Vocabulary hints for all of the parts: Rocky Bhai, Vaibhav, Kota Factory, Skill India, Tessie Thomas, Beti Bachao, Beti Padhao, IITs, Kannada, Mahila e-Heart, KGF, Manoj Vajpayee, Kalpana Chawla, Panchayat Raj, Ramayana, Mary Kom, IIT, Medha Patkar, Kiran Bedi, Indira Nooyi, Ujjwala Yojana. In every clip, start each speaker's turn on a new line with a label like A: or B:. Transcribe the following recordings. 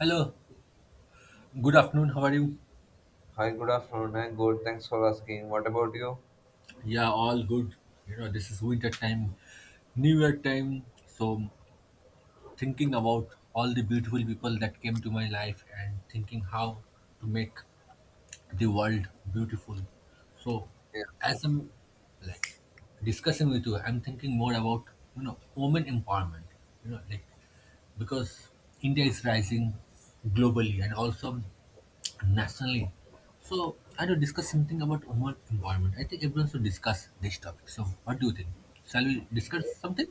A: Hello, good afternoon. How are you?
B: Hi, good afternoon. I'm good. Thanks for asking. What about you?
A: Yeah, all good. This is winter time, New Year time. So, thinking about all the beautiful people that came to my life and thinking how to make the world beautiful. So,
B: Yes,
A: as
B: yes,
A: I'm like discussing with you, I'm thinking more about women empowerment. Like because India is rising globally, and also nationally. So I to discuss something about women empowerment. I think everyone should discuss this topic. So what do you think? Shall we discuss something?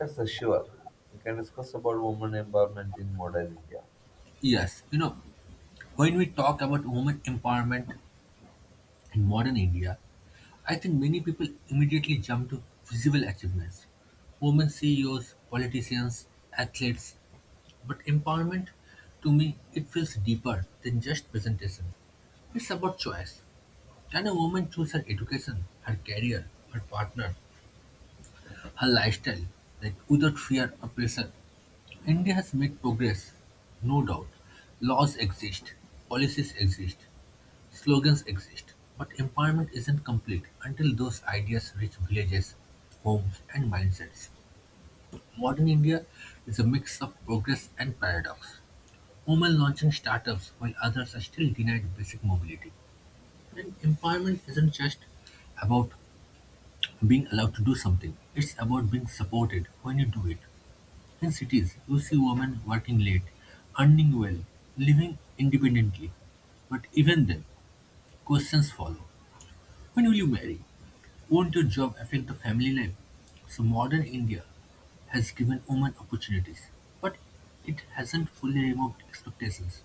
B: yes, yes, sure. We can discuss about women empowerment in modern India.
A: Yes. When we talk about women empowerment in modern India, I think many people immediately jump to visible achievements. Women CEOs, politicians, athletes, but empowerment to me it feels deeper than just presentation. It's about choice. Can a woman choose her education, her career, her partner, her lifestyle, like without fear or pressure. India has made progress, no doubt. Laws exist, policies exist, slogans exist, but empowerment isn't complete until those ideas reach villages, homes, and mindsets. Modern India is a mix of progress and paradox. Women launching startups while others are still denied basic mobility. And empowerment isn't just about being allowed to do something, it's about being supported when you do it. In cities, you see women working late, earning well, living independently. But even then, questions follow. When will you marry? Won't your job affect the family life? So modern India has given women opportunities, but it hasn't fully removed expectations.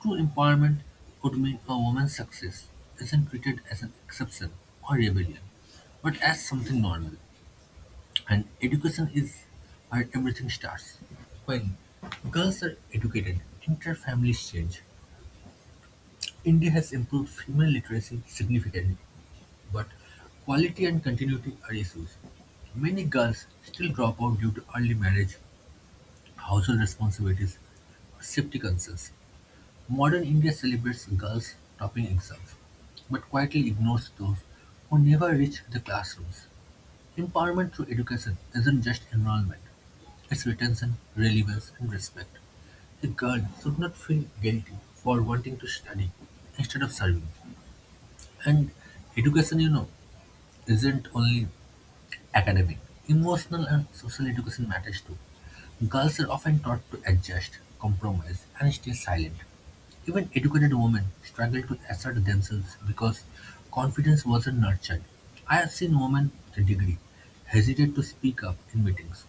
A: True empowerment would mean a woman's success isn't treated as an exception or rebellion, but as something normal. And education is where everything starts. When girls are educated, inter-families change. India has improved female literacy significantly, but quality and continuity are issues. Many girls still drop out due to early marriage, household responsibilities, or safety concerns. Modern India celebrates girls topping exams, but quietly ignores those who never reach the classrooms. Empowerment through education isn't just enrollment, it's retention, relevance, and respect. A girl should not feel guilty for wanting to study instead of serving. And education, isn't only academic, emotional and social education matters too. Girls are often taught to adjust, compromise, and stay silent. Even educated women struggle to assert themselves because confidence wasn't nurtured. I have seen women with a degree hesitate to speak up in meetings.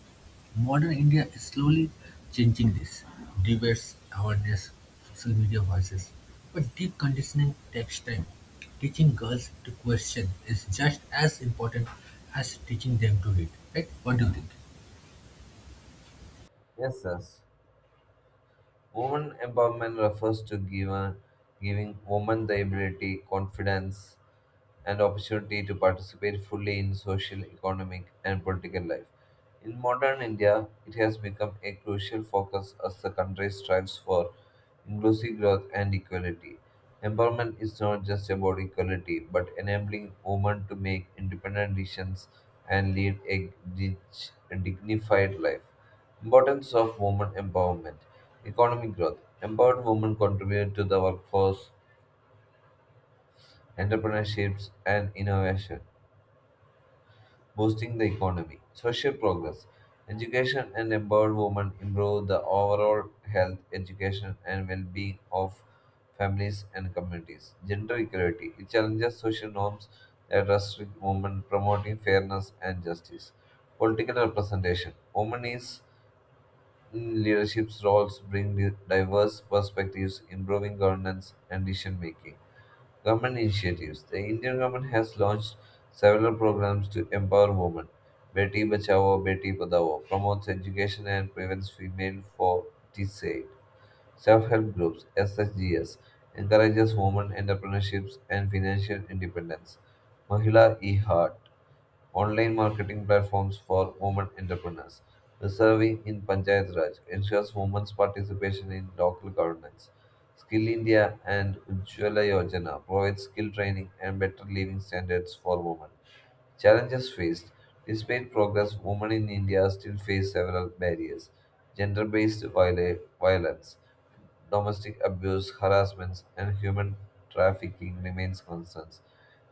A: Modern India is slowly changing this: debates, awareness, social media voices. But deep conditioning takes time. Teaching girls to question is just as important as teaching them to read, right? What do you think?
B: Yes, yes. Women empowerment refers to giving women the ability, confidence, and opportunity to participate fully in social, economic, and political life. In modern India, it has become a crucial focus as the country strives for inclusive growth and equality. Empowerment is not just about equality, but enabling women to make independent decisions and lead a dignified life. Importance of women empowerment. Economic growth. Empowered women contribute to the workforce, entrepreneurships, and innovation boosting the economy. Social progress. Education and empowered women improve the overall health, education, and well being of families and communities. Gender equality. It challenges social norms that restrict women, promoting fairness and justice. Political representation. Women is in leadership roles bring diverse perspectives, improving governance and decision making. Government initiatives. The Indian government has launched several programs to empower women. Beti Bachao, Beti Padhao promotes education and prevents female forticide. Self-help groups (SHGS) encourages women entrepreneurships and financial independence. Mahila e-Heart online marketing platforms for women entrepreneurs. Serving in Panchayat Raj ensures women's participation in local governance. Skill India and Ujjwala Yojana provide skill training and better living standards for women. Challenges faced. Despite progress, women in India still face several barriers: gender based violence, domestic abuse, harassment, and human trafficking remains concerns.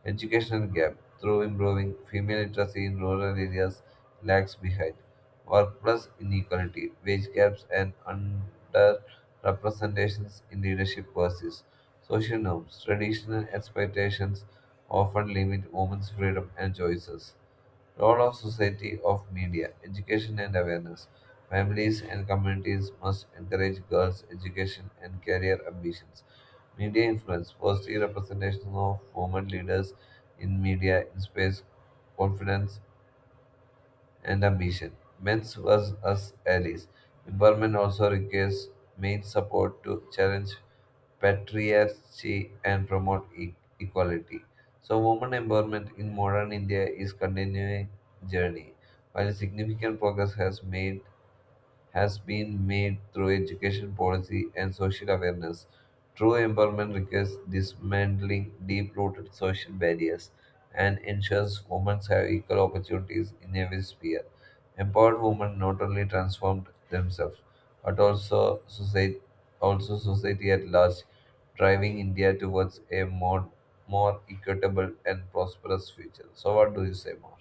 B: Educational gap through improving female literacy in rural areas lags behind. Workplace inequality, wage gaps, and underrepresentations in leadership persist. Social norms, traditional expectations often limit women's freedom and choices. Role of society of media, education and awareness. Families and communities must encourage girls' education and career ambitions. Media influence, positive representation of women leaders in media inspires confidence and ambition. Men's was us allies. Empowerment also requires main support to challenge patriarchy and promote equality. So, women empowerment in modern India is continuing journey. While significant progress has been made through education policy and social awareness. True empowerment requires dismantling deep rooted social barriers and ensures women have equal opportunities in every sphere. Empowered women not only transform themselves but also society at large, driving India towards a more equitable and prosperous future. So, what do you say more?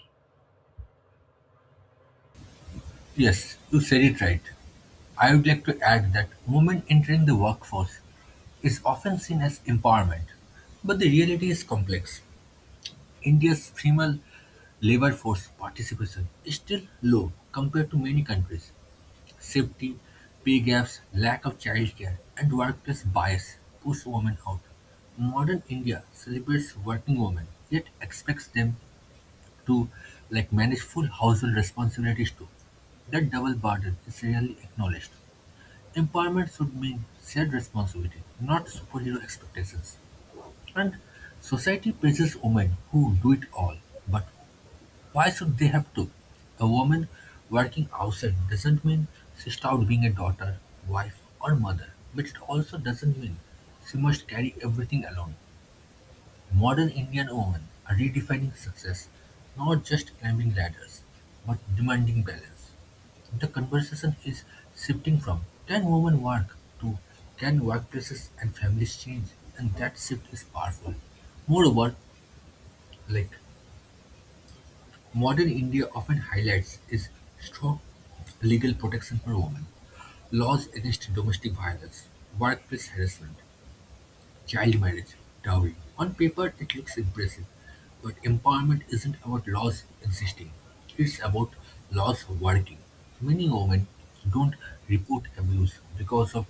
A: Yes, you said it right. I would like to add that women entering the workforce is often seen as empowerment, but the reality is complex. India's female labor force participation is still low compared to many countries. Safety, pay gaps, lack of childcare, and workplace bias push women out. Modern India celebrates working women, yet expects them to like manage full household responsibilities too. That double burden is rarely acknowledged. Empowerment should mean shared responsibility, not superhero expectations. And society praises women who do it all, but why should they have to? A woman working outside doesn't mean she stopped being a daughter, wife, or mother, but it also doesn't mean she must carry everything alone. Modern Indian women are redefining success, not just climbing ladders, but demanding balance. The conversation is shifting from can women work to can workplaces and families change, and that shift is powerful. Moreover, like modern India often highlights is strong legal protection for women, laws against domestic violence, workplace harassment, child marriage, dowry. On paper, it looks impressive, but empowerment isn't about laws existing. It's about laws working. Many women don't report abuse because of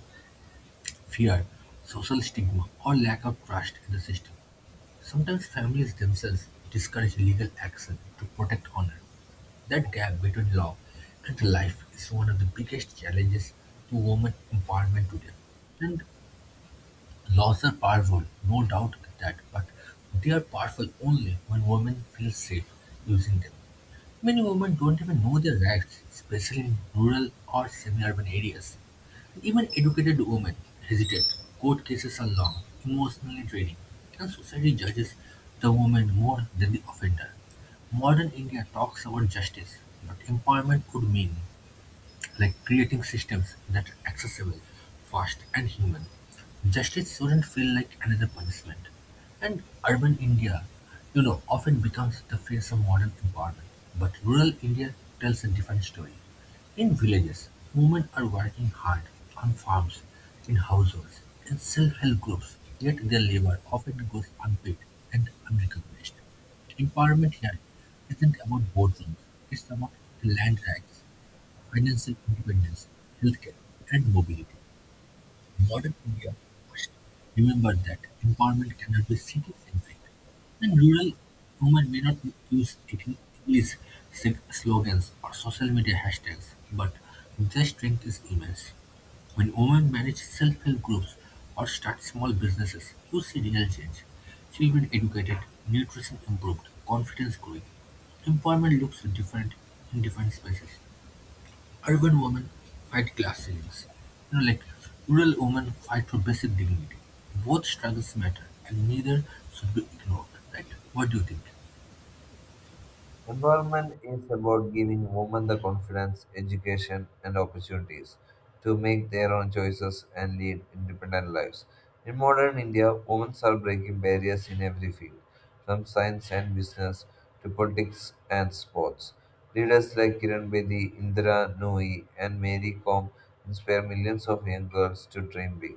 A: fear, social stigma, or lack of trust in the system. Sometimes families themselves discourage legal action to protect honor. That gap between law and life is one of the biggest challenges to women empowerment today. And laws are powerful, no doubt that, but they are powerful only when women feel safe using them. Many women don't even know their rights, especially in rural or semi-urban areas. Even educated women hesitate. Court cases are long, emotionally draining, and society judges the woman more than the offender. Modern India talks about justice, but empowerment could mean like creating systems that are accessible, fast, and human. Justice shouldn't feel like another punishment. And urban India, often becomes the face of modern empowerment. But rural India tells a different story. In villages, women are working hard on farms, in households, in self-help groups, yet their labor often goes unpaid and unrecognized. Empowerment here isn't about boardrooms, it's about land rights, financial independence, healthcare, and mobility. In modern India we must remember that empowerment cannot be city-centric, and rural women may not use English slogans or social media hashtags, but their strength is immense. When women manage self-help groups or start small businesses, you see real change. Children educated, nutrition improved, confidence growing. Employment looks different in different spaces. Urban women fight class ceilings, like rural women fight for basic dignity. Both struggles matter, and neither should be ignored. Right? What do you think?
B: Empowerment is about giving women the confidence, education, and opportunities to make their own choices and lead independent lives. In modern India, women are breaking barriers in every field, from science and business to politics and sports. Leaders like Kiran Bedi, Indira Nooyi, and Mary Kom inspire millions of young girls to dream big.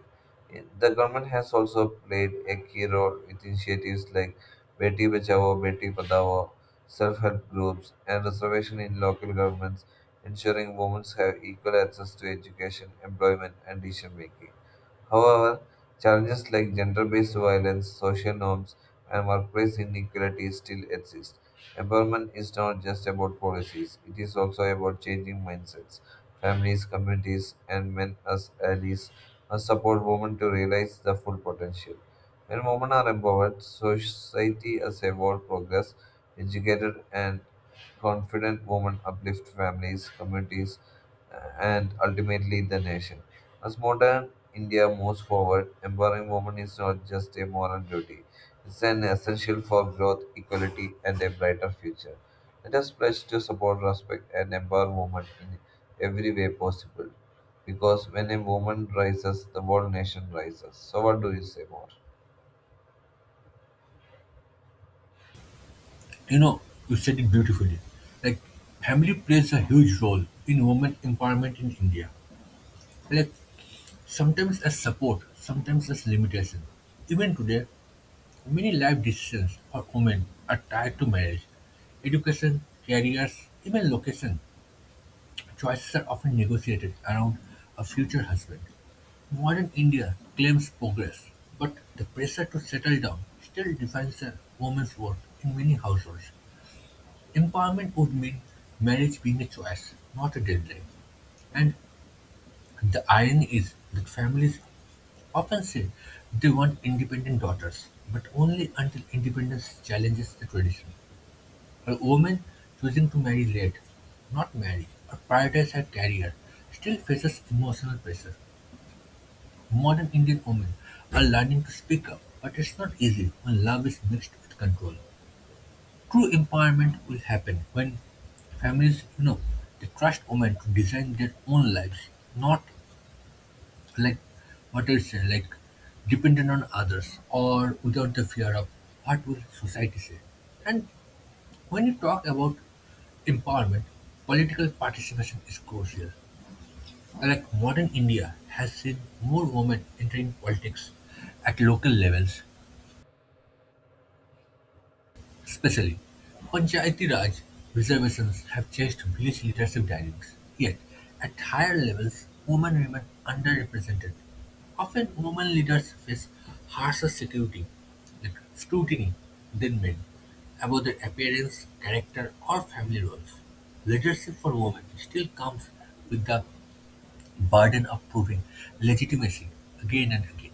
B: The government has also played a key role with initiatives like Beti Bachao, Beti Padhao, self help groups, and reservation in local governments, ensuring women have equal access to education, employment, and decision making. However, challenges like gender based violence, social norms, and workplace inequality still exist. Empowerment is not just about policies, it is also about changing mindsets. Families, communities, and men as allies must support women to realize their full potential. When women are empowered, society as a whole progress, educated and confident women uplift families, communities, and ultimately the nation. As modern India moves forward, empowering women is not just a moral duty, it's an essential for growth, equality, and a brighter future. Let us pledge to support, respect, and empower women in every way possible. Because when a woman rises, the whole nation rises. So, what do you say more?
A: You know, you said it beautifully. Like family plays a huge role in women empowerment in India. Like sometimes as support, sometimes as limitation. Even today, many life decisions for women are tied to marriage, education, careers, even location. Choices are often negotiated around a future husband. Modern India claims progress, but the pressure to settle down still defines a woman's worth in many households. Empowerment would mean marriage being a choice, not a deadline. And the irony is that families often say they want independent daughters, but only until independence challenges the tradition. A woman choosing to marry late, not marry, or prioritize her career still faces emotional pressure. Modern Indian women are learning to speak up, but it's not easy when love is mixed with control. True empowerment will happen when families, they trust women to design their own lives, not like what I say, like dependent on others or without the fear of what will society say. And when you talk about empowerment, political participation is crucial. Like modern India has seen more women entering politics at local levels. Especially, Panchayati Raj reservations have changed village leadership dynamics. Yet, at higher levels, women remain underrepresented. Often, women leaders face harsher security, like scrutiny, than men, about their appearance, character, or family roles. Leadership for women still comes with the burden of proving legitimacy again and again.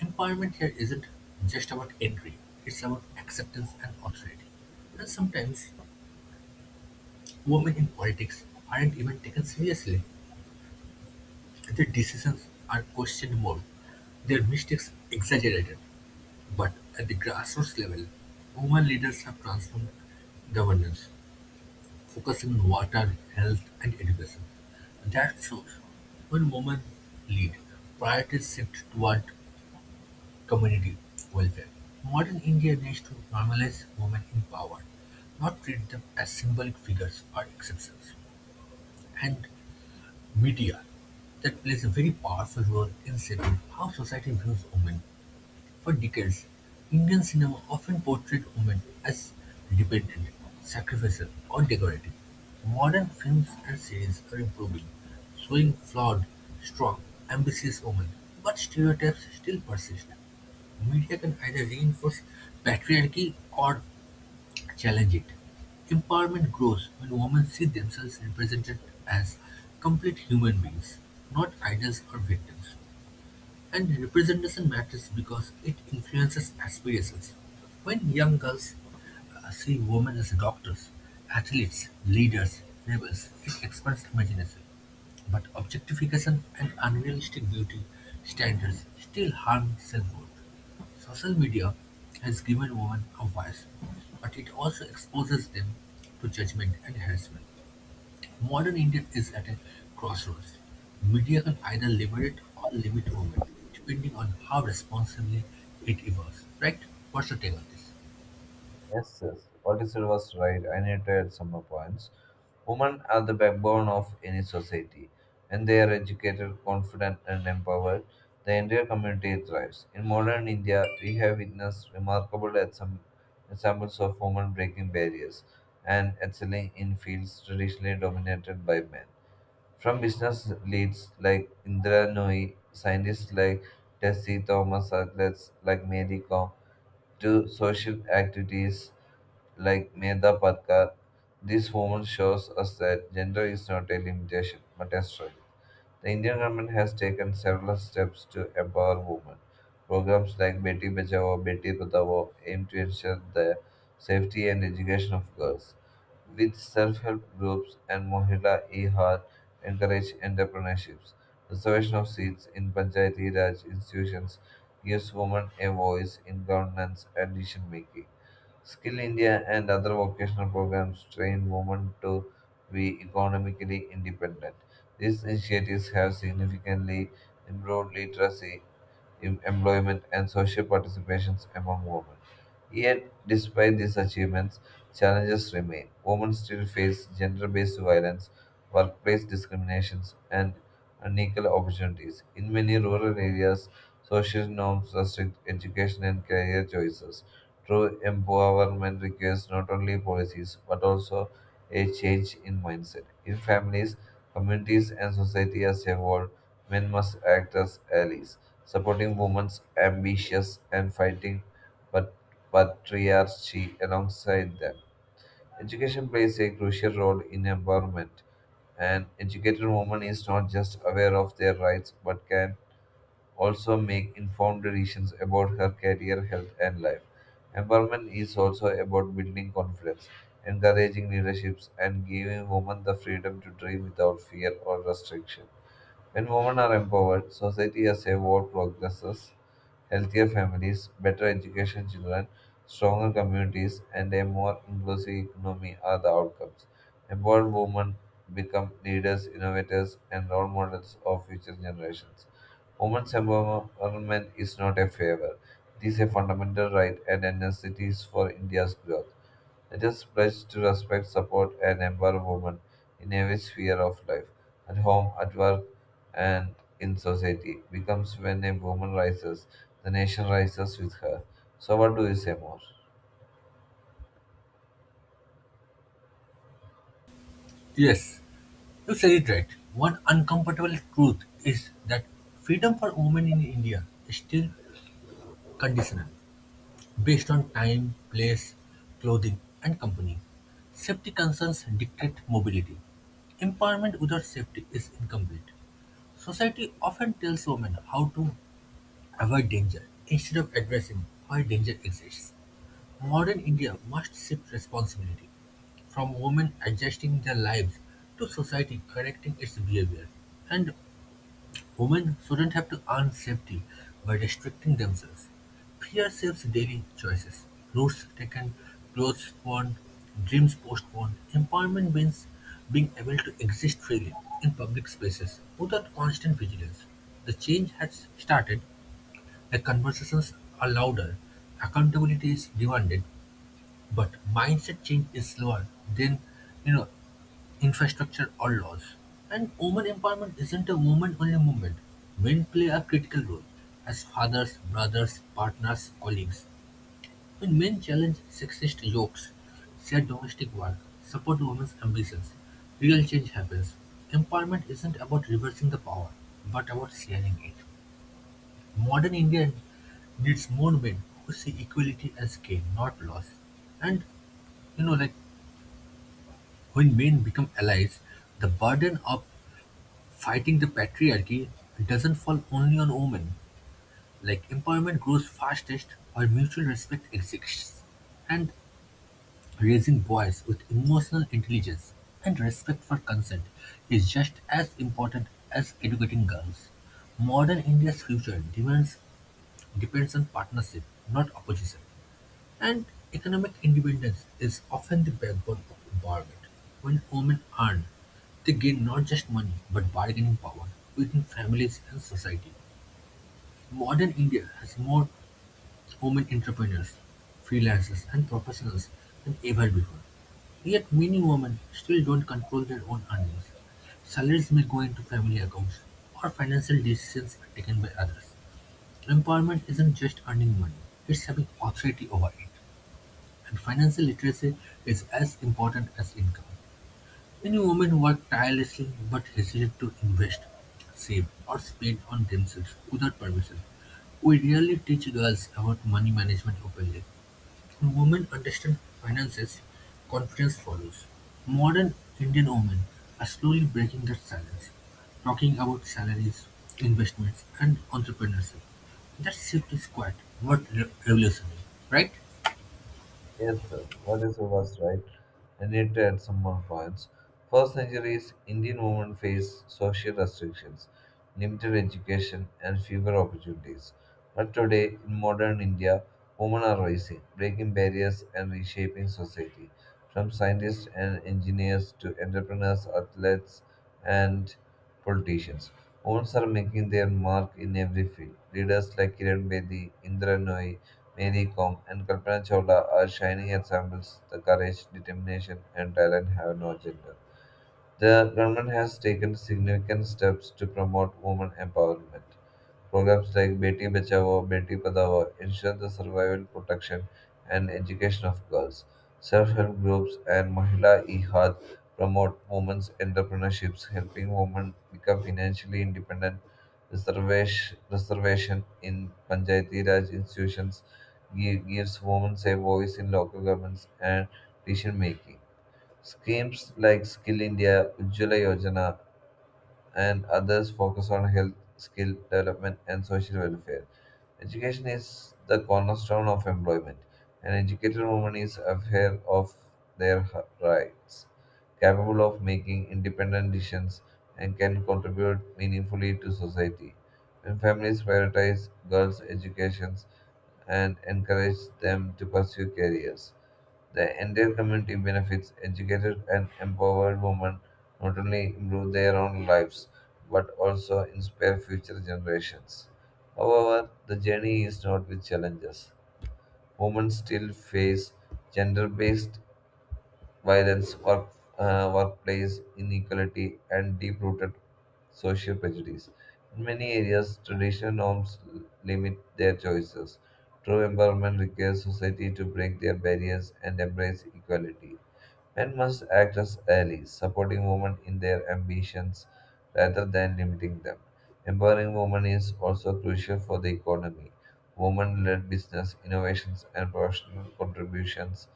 A: Empowerment here isn't just about entry, it's about acceptance and authority. And sometimes women in politics aren't even taken seriously. Their decisions are questioned more, their mistakes exaggerated. But at the grassroots level, women leaders have transformed governance, focusing on water, health, and education. That shows when women lead, priorities shift toward community welfare. Modern India needs to normalize women in power, not treat them as symbolic figures or exceptions. And media that plays a very powerful role in shaping how society views women. For decades, Indian cinema often portrayed women as dependent, sacrificial, or decorative. Modern films and series are improving, showing flawed, strong, ambitious women, but stereotypes still persist. Media can either reinforce patriarchy or challenge it. Empowerment grows when women see themselves represented as complete human beings, not idols or victims. And representation matters because it influences aspirations. When young girls see women as doctors, athletes, leaders, rebels, it expands imagination. But objectification and unrealistic beauty standards still harm self-worth. Social media has given women a voice, but it also exposes them to judgment and harassment. Modern India is at a crossroads. Media can either liberate or limit women, depending on how responsibly it evolves. Right? What's your take on this?
B: Yes, yes. What you said was right. I need to add some more points. Women are the backbone of any society. When they are educated, confident, and empowered, the entire community thrives. In modern India, we have witnessed remarkable examples of women breaking barriers and excelling in fields traditionally dominated by men. From business leads like Indra Nooyi, scientists like Tessie Thomas, athletes like Mary Kom, to social activities like Medha Patkar, this woman shows us that gender is not a limitation but a strength. The Indian government has taken several steps to empower women. Programs like Beti Bachao, Beti Patao aim to ensure the safety and education of girls. With self-help groups and Mohila e-Heart encourage entrepreneurships. Reservation of seats in Panchayati Raj institutions gives women a voice in governance and decision making. Skill India and other vocational programs train women to be economically independent. These initiatives have significantly improved literacy, employment, and social participations among women. Yet, despite these achievements, challenges remain. Women still face gender based violence, workplace discriminations, and unequal opportunities. In many rural areas, social norms restrict education and career choices. True empowerment requires not only policies but also a change in mindset. In families, communities, and society as a whole, men must act as allies supporting women's ambitions and fighting pat- patriarchy alongside them. Education plays a crucial role in empowerment. An educated woman is not just aware of their rights but can also make informed decisions about her career, health, and life. Empowerment is also about building confidence, encouraging leaderships, and giving women the freedom to dream without fear or restriction. When women are empowered, society as a whole progresses. Healthier families, better education children, stronger communities, and a more inclusive economy are the outcomes. Empowered women become leaders, innovators, and role models of future generations. Women's empowerment is not a favor. It is a fundamental right and a necessity for India's growth. Let us pledge to respect, support, and empower women in every sphere of life, at home, at work, and in society, becomes when a woman rises, the nation rises with her. So, what do you say more?
A: Yes, you said it right. One uncomfortable truth is that freedom for women in India is still conditional. Based on time, place, clothing, and company, safety concerns dictate mobility. Empowerment without safety is incomplete. Society often tells women how to avoid danger instead of addressing why danger exists. Modern India must shift responsibility from women adjusting their lives to society correcting its behavior. And women shouldn't have to earn safety by restricting themselves. Fear shapes daily choices, routes taken, clothes worn, dreams postponed. Empowerment means being able to exist freely in public spaces without constant vigilance. The change has started, the conversations are louder, accountability is demanded, but mindset change is slower than you know infrastructure or laws. And women empowerment isn't a woman only movement. Men play a critical role as fathers, brothers, partners, colleagues. When men challenge sexist yokes, share domestic work, support women's ambitions, real change happens. Empowerment isn't about reversing the power, but about sharing it. Modern India needs more men who see equality as gain, not loss. And like when men become allies, the burden of fighting the patriarchy doesn't fall only on women. Like empowerment grows fastest where mutual respect exists. And raising boys with emotional intelligence and respect for consent is just as important as educating girls. Modern India's future demands depends on partnership, not opposition. And economic independence is often the backbone of a bargain. When women earn, they gain not just money but bargaining power within families and society. Modern India has more women entrepreneurs, freelancers, and professionals than ever before. Yet many women still don't control their own earnings. Salaries may go into family accounts, or financial decisions are taken by others. Empowerment isn't just earning money, it's having authority over it. And financial literacy is as important as income. Many women work tirelessly but hesitate to invest, save, or spend on themselves without permission. We rarely teach girls about money management openly. When women understand finances, confidence follows. Modern Indian women are slowly breaking that silence, talking about salaries, investments, and entrepreneurship. That shift is quite revolutionary, right?
B: Yes, yes. What you was right. I need to add some more points. First centuries, Indian women faced social restrictions, limited education, and fewer opportunities. But today, in modern India, women are rising, breaking barriers and reshaping society. From scientists and engineers to entrepreneurs, athletes, and politicians, women are making their mark in every field. Leaders like Kiran Bedi, Indra Nooyi, Mary Kong and Kalpana Chawla are shining examples. The courage, determination, and talent have no gender. The government has taken significant steps to promote women empowerment. Programs like Beti Bachao Beti Padhao ensure the survival, protection, and education of girls. Self help groups and Mahila Ehad promote women's entrepreneurships, helping women become financially independent. Reservation in Panchayati Raj institutions gives women a voice in local governments and decision making. Schemes like Skill India, Ujjwala Yojana, and others focus on health, skill development, and social welfare. Education is the cornerstone of employment. An educated woman is aware of their rights, capable of making independent decisions, and can contribute meaningfully to society. When families prioritize girls' educations and encourage them to pursue careers, the entire community benefits. Educated and empowered women not only improve their own lives but also inspire future generations. However, the journey is not with challenges. Women still face gender based violence, workplace inequality, and deep rooted social prejudice. In many areas, traditional norms limit their choices. True empowerment requires society to break their barriers and embrace equality. Men must act as allies, supporting women in their ambitions rather than limiting them. Empowering women is also crucial for the economy. Women led business, innovations, and professional contributions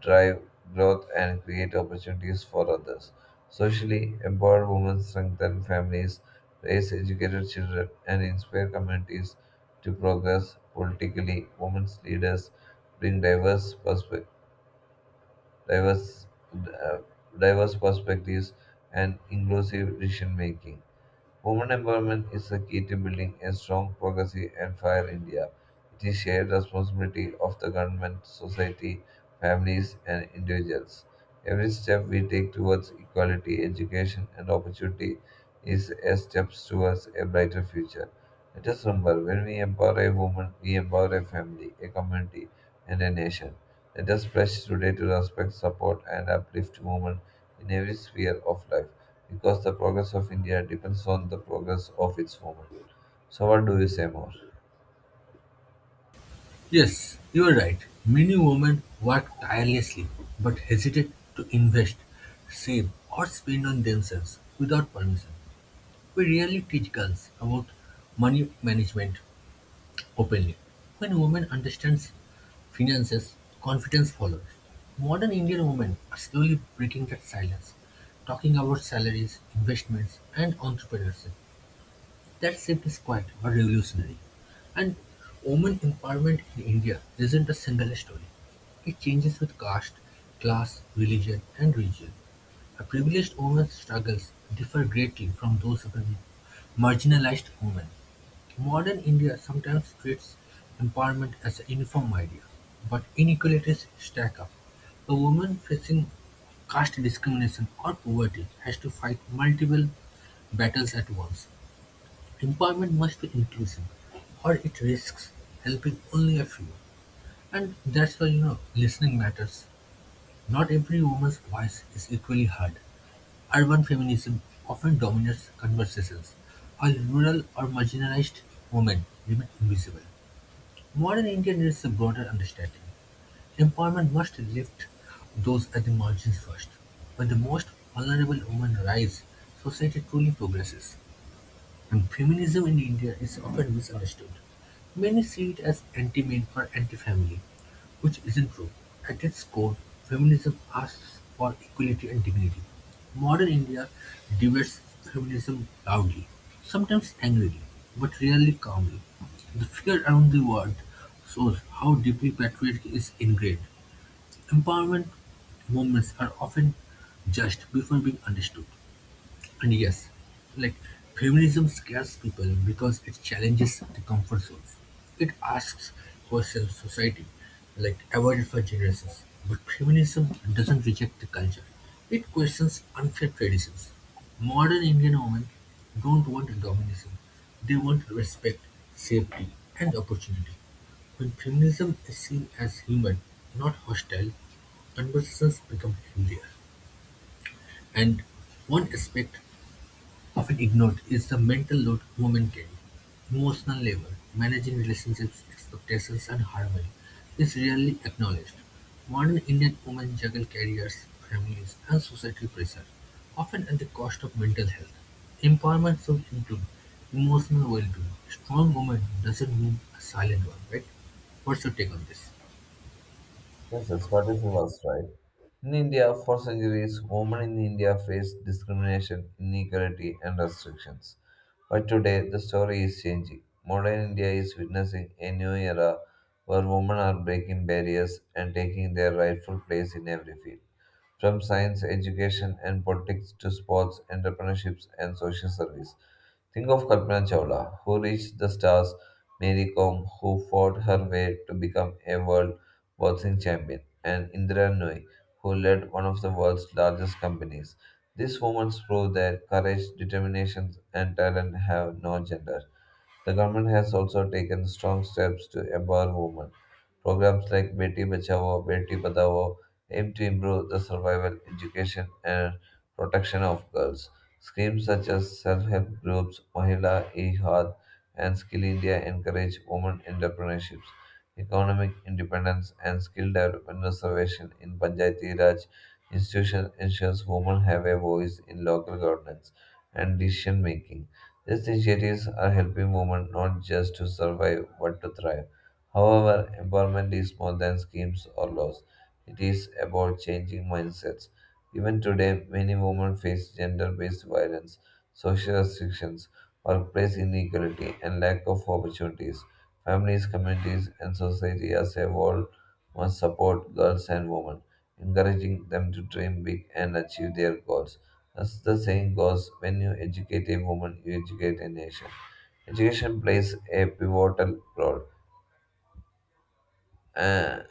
B: drive growth and create opportunities for others. Socially, empowered women strengthen families, raise educated children, and inspire communities to progress politically. Women's leaders bring diverse, uh, diverse perspectives, and inclusive decision making. Women empowerment is the key to building a strong, progressive, and fair India. It is shared responsibility of the government, society, families, and individuals. Every step we take towards equality, education, and opportunity is a step towards a brighter future. Let us remember when we empower a woman, we empower a family, a community, and a nation. Let us pledge today to respect, support, and uplift women in every sphere of life because the progress of India depends on the progress of its women. So, what do you say more?
A: Yes, you are right. Many women work tirelessly but hesitate to invest, save, or spend on themselves without permission. We rarely teach girls about money management openly. When a woman understands finances, confidence follows. Modern Indian women are slowly breaking that silence, talking about salaries, investments, and entrepreneurship. That shift is quite but revolutionary. And women empowerment in India isn't a single story. It changes with caste, class, religion, and region. A privileged woman's struggles differ greatly from those of a marginalized woman. Modern India sometimes treats empowerment as a uniform idea, but inequalities stack up. A woman facing caste discrimination or poverty has to fight multiple battles at once. Employment must be inclusive, or it risks helping only a few. And that's why, listening matters. Not every woman's voice is equally heard. Urban feminism often dominates conversations, while rural or marginalized women remain invisible. Modern India needs a broader understanding. Employment must lift those at the margins first. When the most vulnerable women rise, society truly progresses. Feminism in India is often misunderstood; many see it as anti-men or anti-family, which isn't true. At its core, feminism asks for equality and dignity. Modern India debates feminism loudly, sometimes angrily, but rarely calmly. The fear around the word shows how deeply patriarchy is ingrained. Empowerment movements are often judged before being understood. And yes, like feminism scares people because it challenges the comfort zones. It asks questions society like avoided for generations. But feminism doesn't reject the culture. It questions unfair traditions. Modern Indian women don't want domination. They want respect, safety, and opportunity. When feminism is seen as human, not hostile, conversations become healthier. And one aspect often ignored is the mental load women carry: emotional labor, managing relationships, expectations, and harmony is rarely acknowledged. Modern Indian women juggle careers, families, and societal pressure, often at the cost of mental health. Empowerment should include emotional well-being. Strong woman doesn't mean a silent one, right? What's your take on this?
B: Yes, yes, what is was right? In India, for centuries, women in India faced discrimination, inequality, and restrictions. But today, the story is changing. Modern India is witnessing a new era where women are breaking barriers and taking their rightful place in every field. From science, education, and politics to sports, entrepreneurships, and social service. Think of Kalpana Chawla, who reached the stars, Mary Kom, who fought her way to become a world boxing champion, and Indira Nooyi, who led one of the world's largest companies. These women prove that courage, determination, and talent have no gender. The government has also taken strong steps to empower women. Programs like Beti Bachao, Beti Padhao, aim to improve the survival, education, and protection of girls. Schemes such as self help groups, Mahila e and Skill India encourage women entrepreneurships, economic independence, and skill development reservation in Panchayati Raj institution ensures women have a voice in local governance and decision making. These initiatives are helping women not just to survive but to thrive. However, empowerment is more than schemes or laws. It is about changing mindsets. Even today, many women face gender based violence, social restrictions, workplace inequality, and lack of opportunities. Families, communities, and society as a whole must support girls and women, encouraging them to dream big and achieve their goals. As the saying goes, when you educate a woman, you educate a nation. Education plays a pivotal role. uh,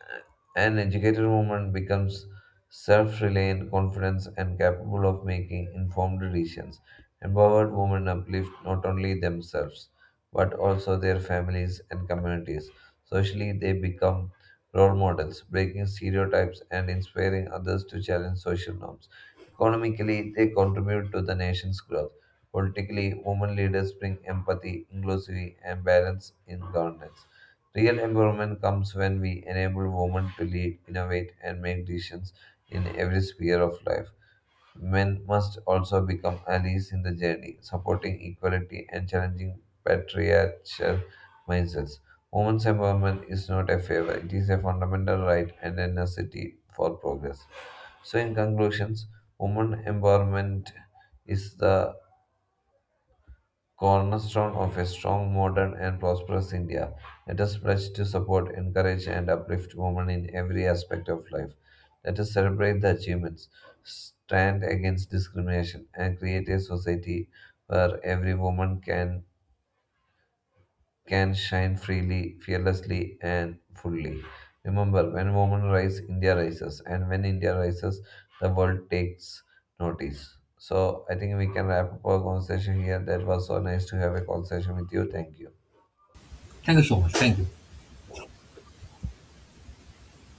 B: an educated woman becomes self reliant, confident, and capable of making informed decisions. Empowered women uplift not only themselves but also their families and communities. Socially, they become role models, breaking stereotypes and inspiring others to challenge social norms. Economically, they contribute to the nation's growth. Politically, women leaders bring empathy, inclusivity, and balance in governance. Real empowerment comes when we enable women to lead, innovate, and make decisions in every sphere of life. Men must also become allies in the journey, supporting equality and challenging patriarchal mindsets. Women's empowerment is not a favor, it is a fundamental right and a necessity for progress. So, in conclusions, women empowerment is the cornerstone of a strong, modern, and prosperous India. Let us pledge to support, encourage, and uplift women in every aspect of life. Let us celebrate the achievements, stand against discrimination, and create a society where every woman can shine freely, fearlessly, and fully. Remember, when women rise, India rises, and when India rises, the world takes notice. So I think we can wrap up our conversation here. That was so nice to have a conversation with you. Thank you.
A: Thank you so much. Thank you.